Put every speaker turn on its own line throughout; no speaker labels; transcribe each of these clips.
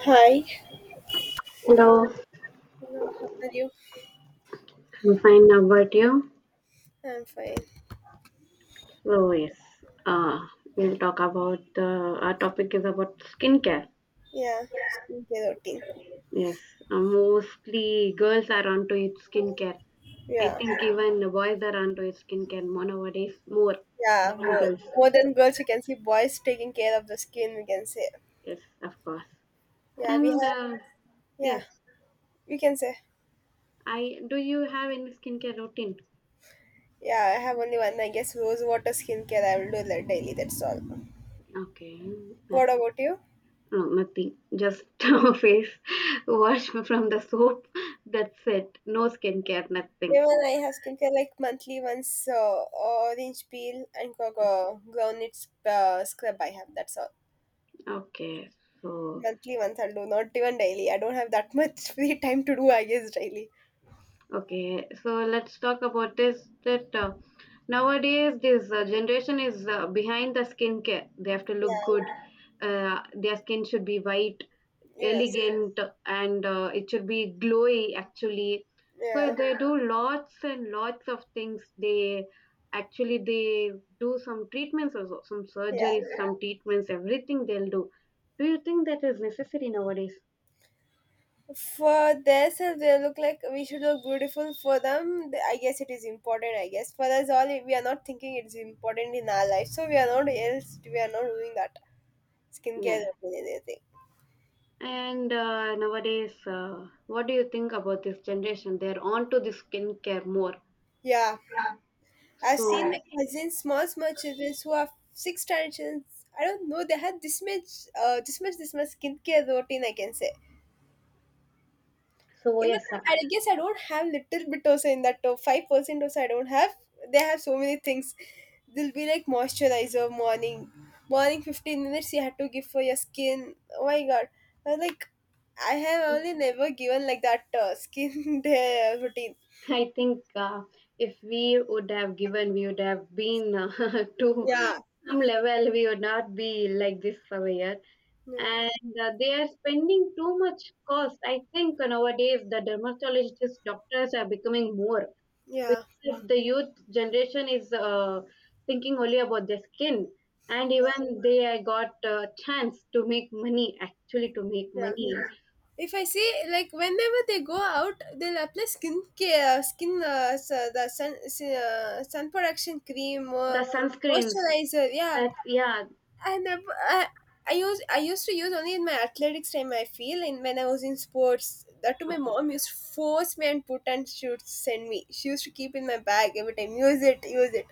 Hi.
Hello,
Hello, how are you?
I'm fine. How about you?
I'm fine.
So yes, uh, we'll talk about the our topic is about skincare.
Yeah, skincare routine.
Yes, mostly girls are onto it skincare. I
Yeah,
think even the boys are onto it skincare more nowadays more
yeah,
than
more.
girls.
More than girls, we can see boys taking care of the skin, we can say.
Yes, of course.
Yeah, we
And
have, yeah,
yes,
we can say.
I Do you have any skincare routine?
Yeah, I have only one, I guess, rose water skincare. I will do that daily, that's all.
Okay,
What
that's
about you?
no, nothing. Just face wash from the soap. That's it. No skincare, nothing.
Even I have skincare like monthly once, orange peel and cocoa groundnut scrub I have, that's all.
Okay, so
Monthly once I'll do, not even daily. I don't have that much free time to do, I guess, daily.
okay, so let's talk about this. That Nowadays this generation is behind the skincare. They have to look
Yeah.
good. Their skin should be white, Yes,
Yes.
elegant, Yes, and it should be glowy. Actually, so
Yeah.
they, yeah, do lots and lots of things. They actually they do some treatments also, some
Yeah.
surgeries, some treatments, everything they'll do. Do you think that is necessary nowadays?
For themselves, they look like we should look beautiful. For them, I guess it is important. I guess for us all, we are not thinking it's important in our life, so we are not else. We are not doing that
No.
skincare or anything.
And nowadays, what do you think about this generation? They're on to the skincare more.
Yeah, I've
So,
seen my cousins, small small children who have six tiny children. I don't know. They had this much skincare routine. I can say.
so
Even
yes, sir.
I guess I don't have little bit also in that top 5% also I don't have. They have so many things. They'll be like moisturizer morning. Morning 15 minutes you have to give for your skin. Oh my god. I was like I have only never given like that skin day routine.
I think, if we would have given, we would have been, to
Yeah.
some level, we would not be like this for a year.
Yeah.
And they are spending too much cost. I think nowadays the dermatologist doctors are becoming more,
Yeah.
because the youth generation is, thinking only about their skin, and
Yeah.
even they got a chance to make money, actually to make
Yeah.
money,
If I see like whenever they go out, they'll apply skin care, the sun protection cream,
the sunscreens,
moisturizer. Yeah,
that, yeah.
I never. I use. I used to use only in my athletics time. I feel in when I was in sports. That too, my mom used to force me and put and she would send me. She used to keep in my bag every time. Use it. Use it.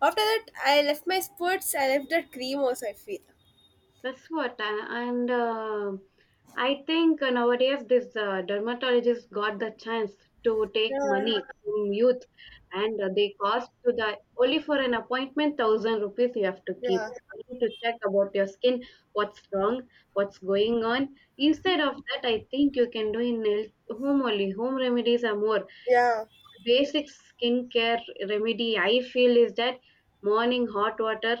After that, I left my sports. I left that cream also. I feel.
That's what I, and I think nowadays this, dermatologist got the chance to take
Yeah.
money from youth, and they cost to the, only for an appointment 1,000 rupees you have to keep
Yeah.
only to check about your skin, what's wrong, what's going on. Instead of that, I think you can do in home only. Home remedies are more
Yeah.
basic skincare remedy, I feel, is that morning hot water,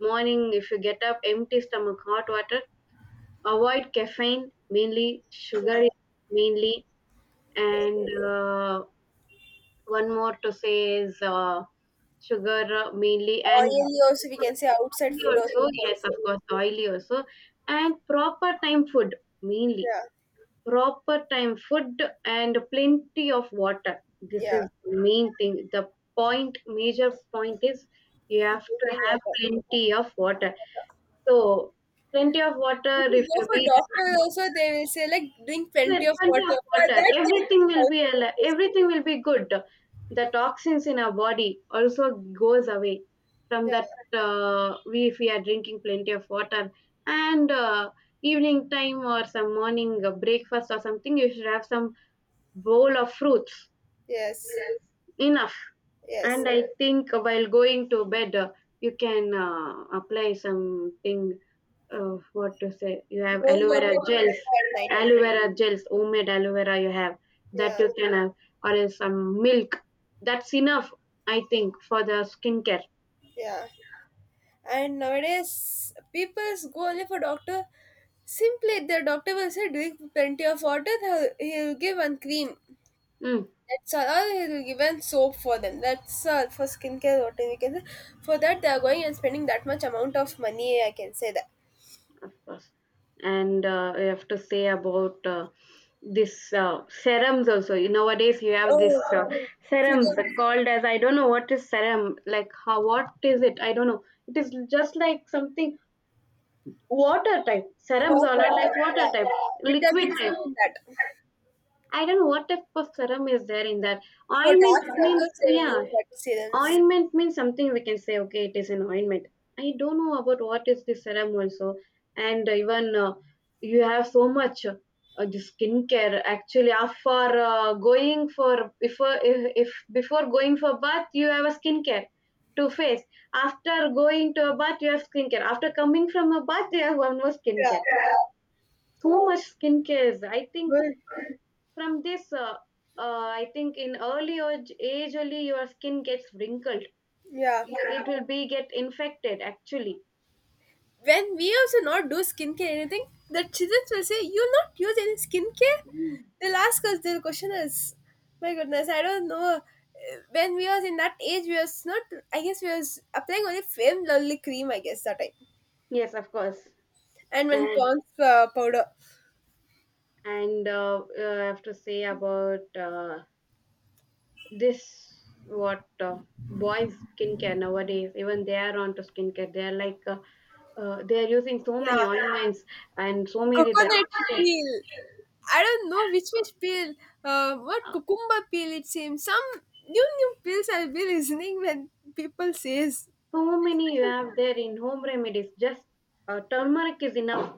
morning if you get up empty stomach hot water, avoid caffeine, mainly
Yeah.
sugar mainly,
Yeah.
and one more to say is, sugar, mainly, and
Oily also we can say outside
oily
food also we
also,
can
yes, of
say.
course, oily also, and proper time food mainly,
Yeah.
proper time food and plenty of water. This
Yeah.
is the main thing, the point, major point is you have to
Drinking
have
water.
plenty of water. So plenty of water
If
if
you go
you
for
be
doctor also they will say like drink
there
plenty of
plenty of
water. For
water,
that they take
everything will be
thousands of.
everything will be good. The toxins in our body also goes away from
Yeah,
that. We, if we are drinking plenty of water, and evening time or some morning, breakfast or something, you should have some bowl of fruits
yes,
enough.
yes.
And I think while going to bed, you can, apply something, what to say, you have
Don't
aloe
go to
vera
doctor
gels,
at night time.
aloe vera gels, homemade aloe vera you have, that
Yeah,
you can have, or else some milk, that's enough, I think, for the skincare.
yeah. And nowadays, people go only for doctor. Simply, the doctor will say, drink plenty of water. He'll give one cream.
Mm,
That's all. Or he'll give one soap for them. That's all for skincare. What we can say. For that, they are going and spending that much amount of money. I can say that.
of course. And I have to say about, this, serums also. You, nowadays you have this,
Oh,
uh, serums
serums,
called as, I don't know what is serum, like how, what is it, I don't know. It is just like something, water type, serums are
water
not like
type.
water
Yeah,
type, liquid
vitamin C
type.
in that.
I don't know what type of serum is there in that.
For dark
Ointment means,
circles, they will
yeah,
use that serums.
ointment means something, we can say, okay, it is an ointment. I don't know about what is the serum also. And even, you have so much, the skincare actually after, going for, before, if before going for bath you have a skincare to face, after going to a bath you have skincare, after coming from a bath you have one more
Yeah.
skincare, so much skincare I think.
Well,
From this, I think in early age only your skin gets wrinkled, it,
yeah.
it will be get infected actually.
When we also not do skincare anything, the children will say, "You'll not use any skincare." They'll ask us. Their question is, my goodness, I don't know. When we was in that age, we was not. I guess we was applying only film, only cream. I guess that time,
Yes, of course.
and when
and,
Pond's powder,
and uh, uh, I have to say about, this, what, uh, boys skincare nowadays, even they are onto skincare, they are like, they are using so
yeah,
many ointments and so many that
coconut
shakes.
peel. I don't know which peel, what cucumber peel it seems. Some new new pills I'll be listening when people says.
So many you have there in home remedies. Just, turmeric is enough.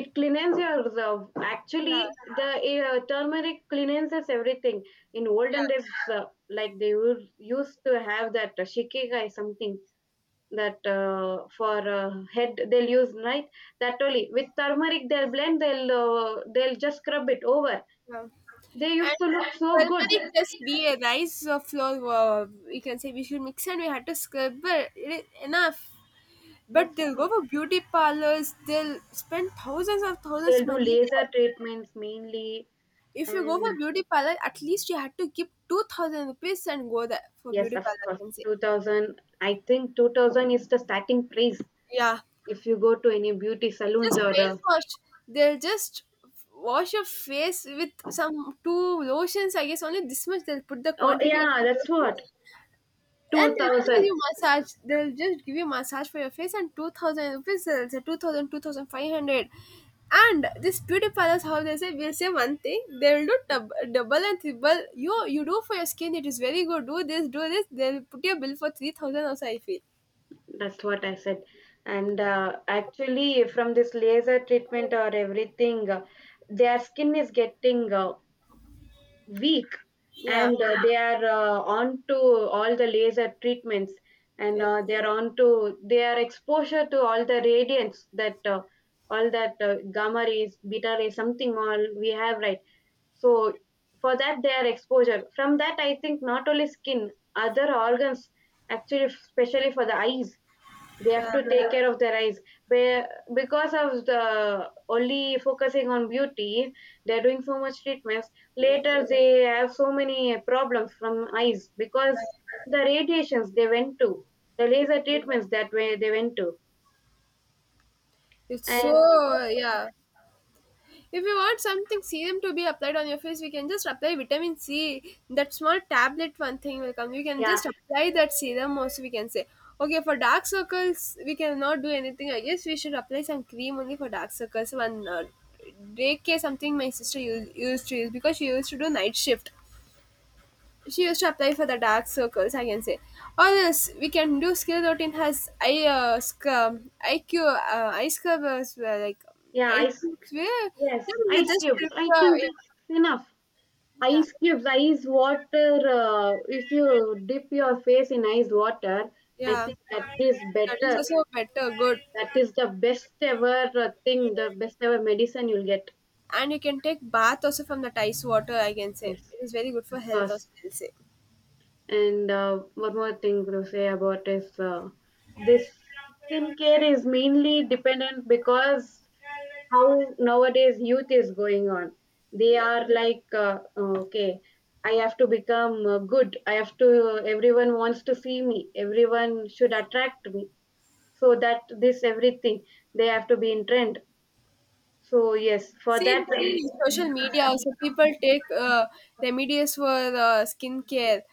It cleanses your reserve. Actually,
Yeah,
the, turmeric cleanses everything. In olden
yeah.
days, like used to have that, shikigai something, that, for, head they'll use, right? That only with turmeric they'll blend, they'll, they'll just scrub it over.
Yeah.
They used
And
to look so good.
turmeric plus we a rice flour, we can say we should mix and we had to scrub but it is enough. But
That's
they'll go
why
for beauty parlors, they'll spend thousands of
they'll
thousands
do
money
laser
there.
treatments mainly.
If you go
And
for beauty parlor, at least you had to give 2,000 rupees and go there for
yes,
beauty
of
parlor, I
course,
can say.
2000, I think 2000 is the starting price
Yeah.
if you go to any beauty salons
Just
or,
face wash. They'll just wash your face with some two lotions, I guess only this much they'll put the
oh
quantity of
yeah,
the
that's what,
face. And they'll give
2000.
you massage. They'll just give you massage for your face and 2,000 rupees. They'll say 2,000, 2,500. And this beauty palace, how they say, will say one thing. They will do double and triple. You do for your skin. It is very good. Do this, do this. They'll put your bill for 3,000 also, I feel.
That's what I said. And actually from this laser treatment or everything, their skin is getting, weak,
Yeah.
and they are, on to all the laser treatments, and they
Yes.
are on to, they are exposure to all the radiance, that, all that, gamma rays, beta rays, something, all we have, right? So, for that they are exposure. From that I think not only skin, other organs, actually especially for the eyes, they
Yeah.
have to take care of their eyes. Be- because of the only focusing on beauty, they're doing so much treatments,
Yes.
later they have so many problems from eyes, because the radiations they went to, the laser treatments that way they went to.
It's
And
so, yeah. If you want something serum to be applied on your face, we can just apply vitamin C. That small tablet one thing will come. You can
yeah,
just apply that serum also we can say. Okay, for dark circles, we cannot do anything. I guess we should apply some cream only for dark circles. One day care something my sister used to use because she used to do night shift she used to apply for the dark circles I can say. Or else we can do skill routine has I scrub iq ice cubes were like
yeah,
ice
ice,
cubes were
yes,
then you
ice
just
cubes, I
prepare,
think
yeah.
that's enough.
Yeah,
Ice cubes, ice water, if you dip your face in ice water, I
yeah.
think that is
That
better.
is also better good.
That is the best ever, thing, the best ever medicine you'll get.
And you can take bath also from the ice water I can say.
Yes,
It is very good for
of
health
course.
also I'll say.
And, one more thing to say about is, this, skincare is mainly dependent because how nowadays youth is going on. They
Yeah.
are like, okay, I have to become, good. I have to, everyone wants to see me, everyone should attract me. So that this everything, they have to be in trend. So yes, for
See,
that,
in social media also people take remedies for skin care,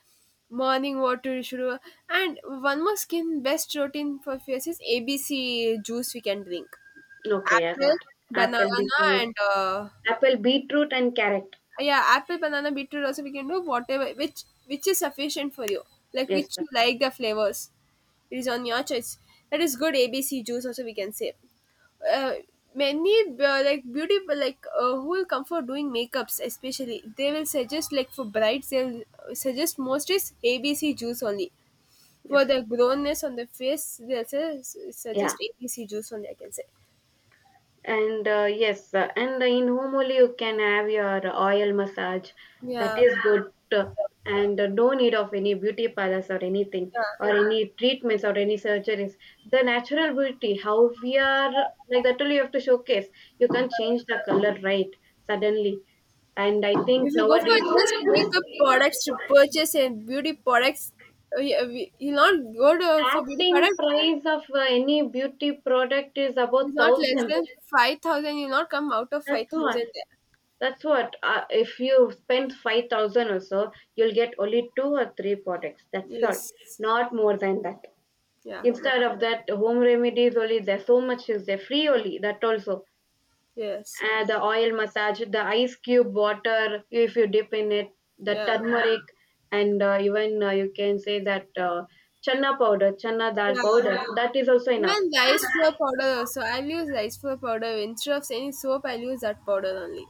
morning water should and one more skin best routine for face is ABC juice we can drink.
okay, I got
Apple, banana
apple, beetroot,
and
apple, beetroot and carrot.
yeah, apple banana beetroot also we can do whatever which is sufficient for you like
Yes,
which
sir.
you like the flavors. It is on your choice. That is good. ABC juice also we can say. Uh, many Like beauty like who will come for doing makeups, especially they will suggest like for brides they'll suggest most is ABC juice only.
Yes.
For the grownness on the face they'll say,
Yeah.
suggest ABC juice only I can say.
And yes, and in home only you can have your oil massage. That
Yeah,
is good. And no need of any beauty parlors or anything,
yeah.
or any treatments or any surgeries. The natural beauty, how we are, like that only you have to showcase. You can't change the color, right? Suddenly. And I
If
think
you go for just
nowadays,
makeup products to purchase and beauty products, you'll not go to, for beauty
starting
products.
price of, any beauty product is
It's
about
not less
1,000.
than 5,000. You'll not come out of five
That's all.
thousand there.
That's what, if you spend 5,000 or so, you'll get only two or three products. That's all.
Yes,
Not more than that.
yeah,
Instead
that's
of that, home remedies only, there's so much is there. Free only, that also.
yes,
The oil massage, the ice cube water, if you dip in it, the
yeah,
turmeric, and even, you can say that, channa powder, channa dal
yeah.
powder, that is also
Even
enough.
rice flour powder. So I'll use rice flour powder instead of any soap. I'll use that powder only.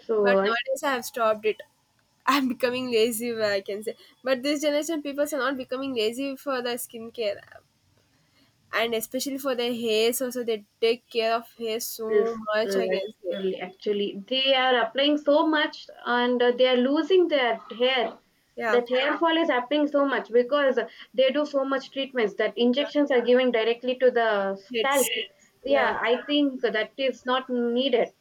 So
But
I,
nowadays I have stopped it. I'm becoming lazy, where I can say. But this generation people are not becoming lazy for the skincare. And especially for the haze also they take care of hair
yes,
so much against it.
literally, actually, they are applying so much and they are losing their hair.
Yeah,
That hair fall is happening so much because they do so much treatments that
yeah.
injections are given directly to the scalp.
Hits,
Yeah,
yeah.
I think that is not needed.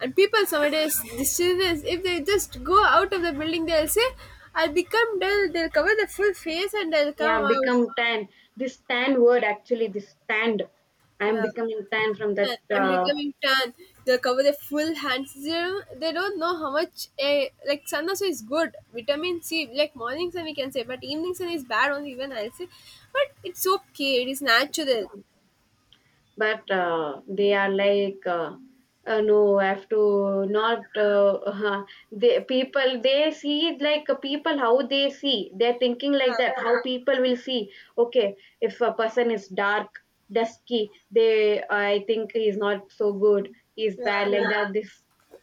And people nowadays this is if they just go out of the building they'll say I'll become dull. They'll cover the full face and they'll come
Yeah,
out,
become tan. This tan word actually, this tanned. I am
yeah.
becoming tan from that.
And I'm
Uh,
becoming tan. They'll cover the full hands. They don't know how much a like sun also is good, vitamin C. Like morning sun we can say but evening sun is bad only, even I'll say. But it's okay. It is natural.
but uh, they are like, no, I have to not, they people, they see it like, people how they see, they're thinking like
Yeah.
that, how people will see. Okay, if a person is dark, dusky, they, I think he's not so good, he's bad,
Yeah,
like that, this,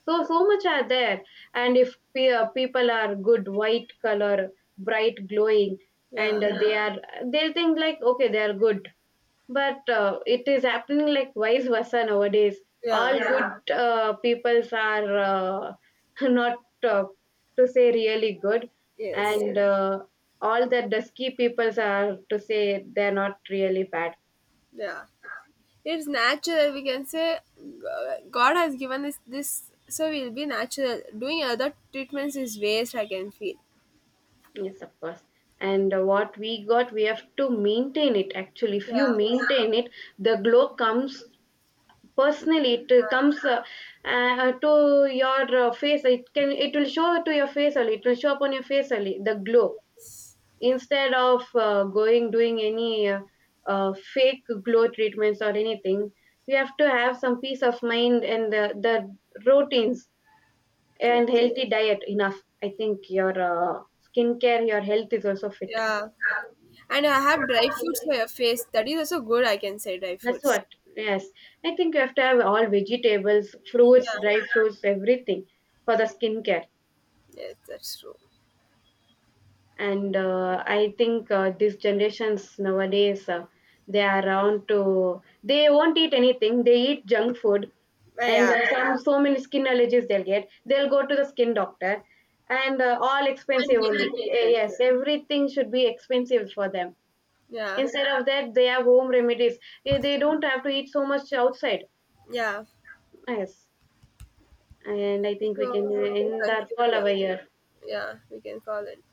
so so much are there. And if people are good, white color, bright, glowing,
yeah,
and they are, they'll think like, okay, they are good. But, it is happening like vice versa nowadays. All,
yeah,
yeah, good, peoples are, not, uh, to say really good,
yes,
and yes, all the dusky peoples are to say, they're not really bad.
yeah. It's natural. We can say God has given this, so we'll be natural. Doing other treatments is waste. I can feel.
Yes, of course. And what we got, we have to maintain it. Actually, if you
Yeah,
maintain it, the glow comes personally. It, comes, to your, face. It can. It will show to your face only. It will show up on your face only. The glow, instead of, going doing any, fake glow treatments or anything, you have to have some peace of mind and the routines and
yes,
healthy diet enough, I think your, skincare, your health is also fit.
yeah. And I have dry foods for your face. That is also good. I can say dry
That's
foods.
what, yes, I think you have to have all vegetables, fruits,
Yeah,
dry fruits, everything for the skincare.
yes, that's true.
And I think, these generations nowadays, they are around to, they won't eat anything, they eat junk food,
But
and
yeah,
uh, some, so many skin allergies they'll get, they'll go to the skin doctor, and all
and
expensive
get
only.
the
Eh,
treatment.
yes, everything should be expensive for them.
Yeah,
Instead of that they have home remedies. Eh, they don't have to eat so much outside.
yeah.
Yes, and I think we can,
So we can
end our
conclude
call
here.
over here.
Yeah, we can call it.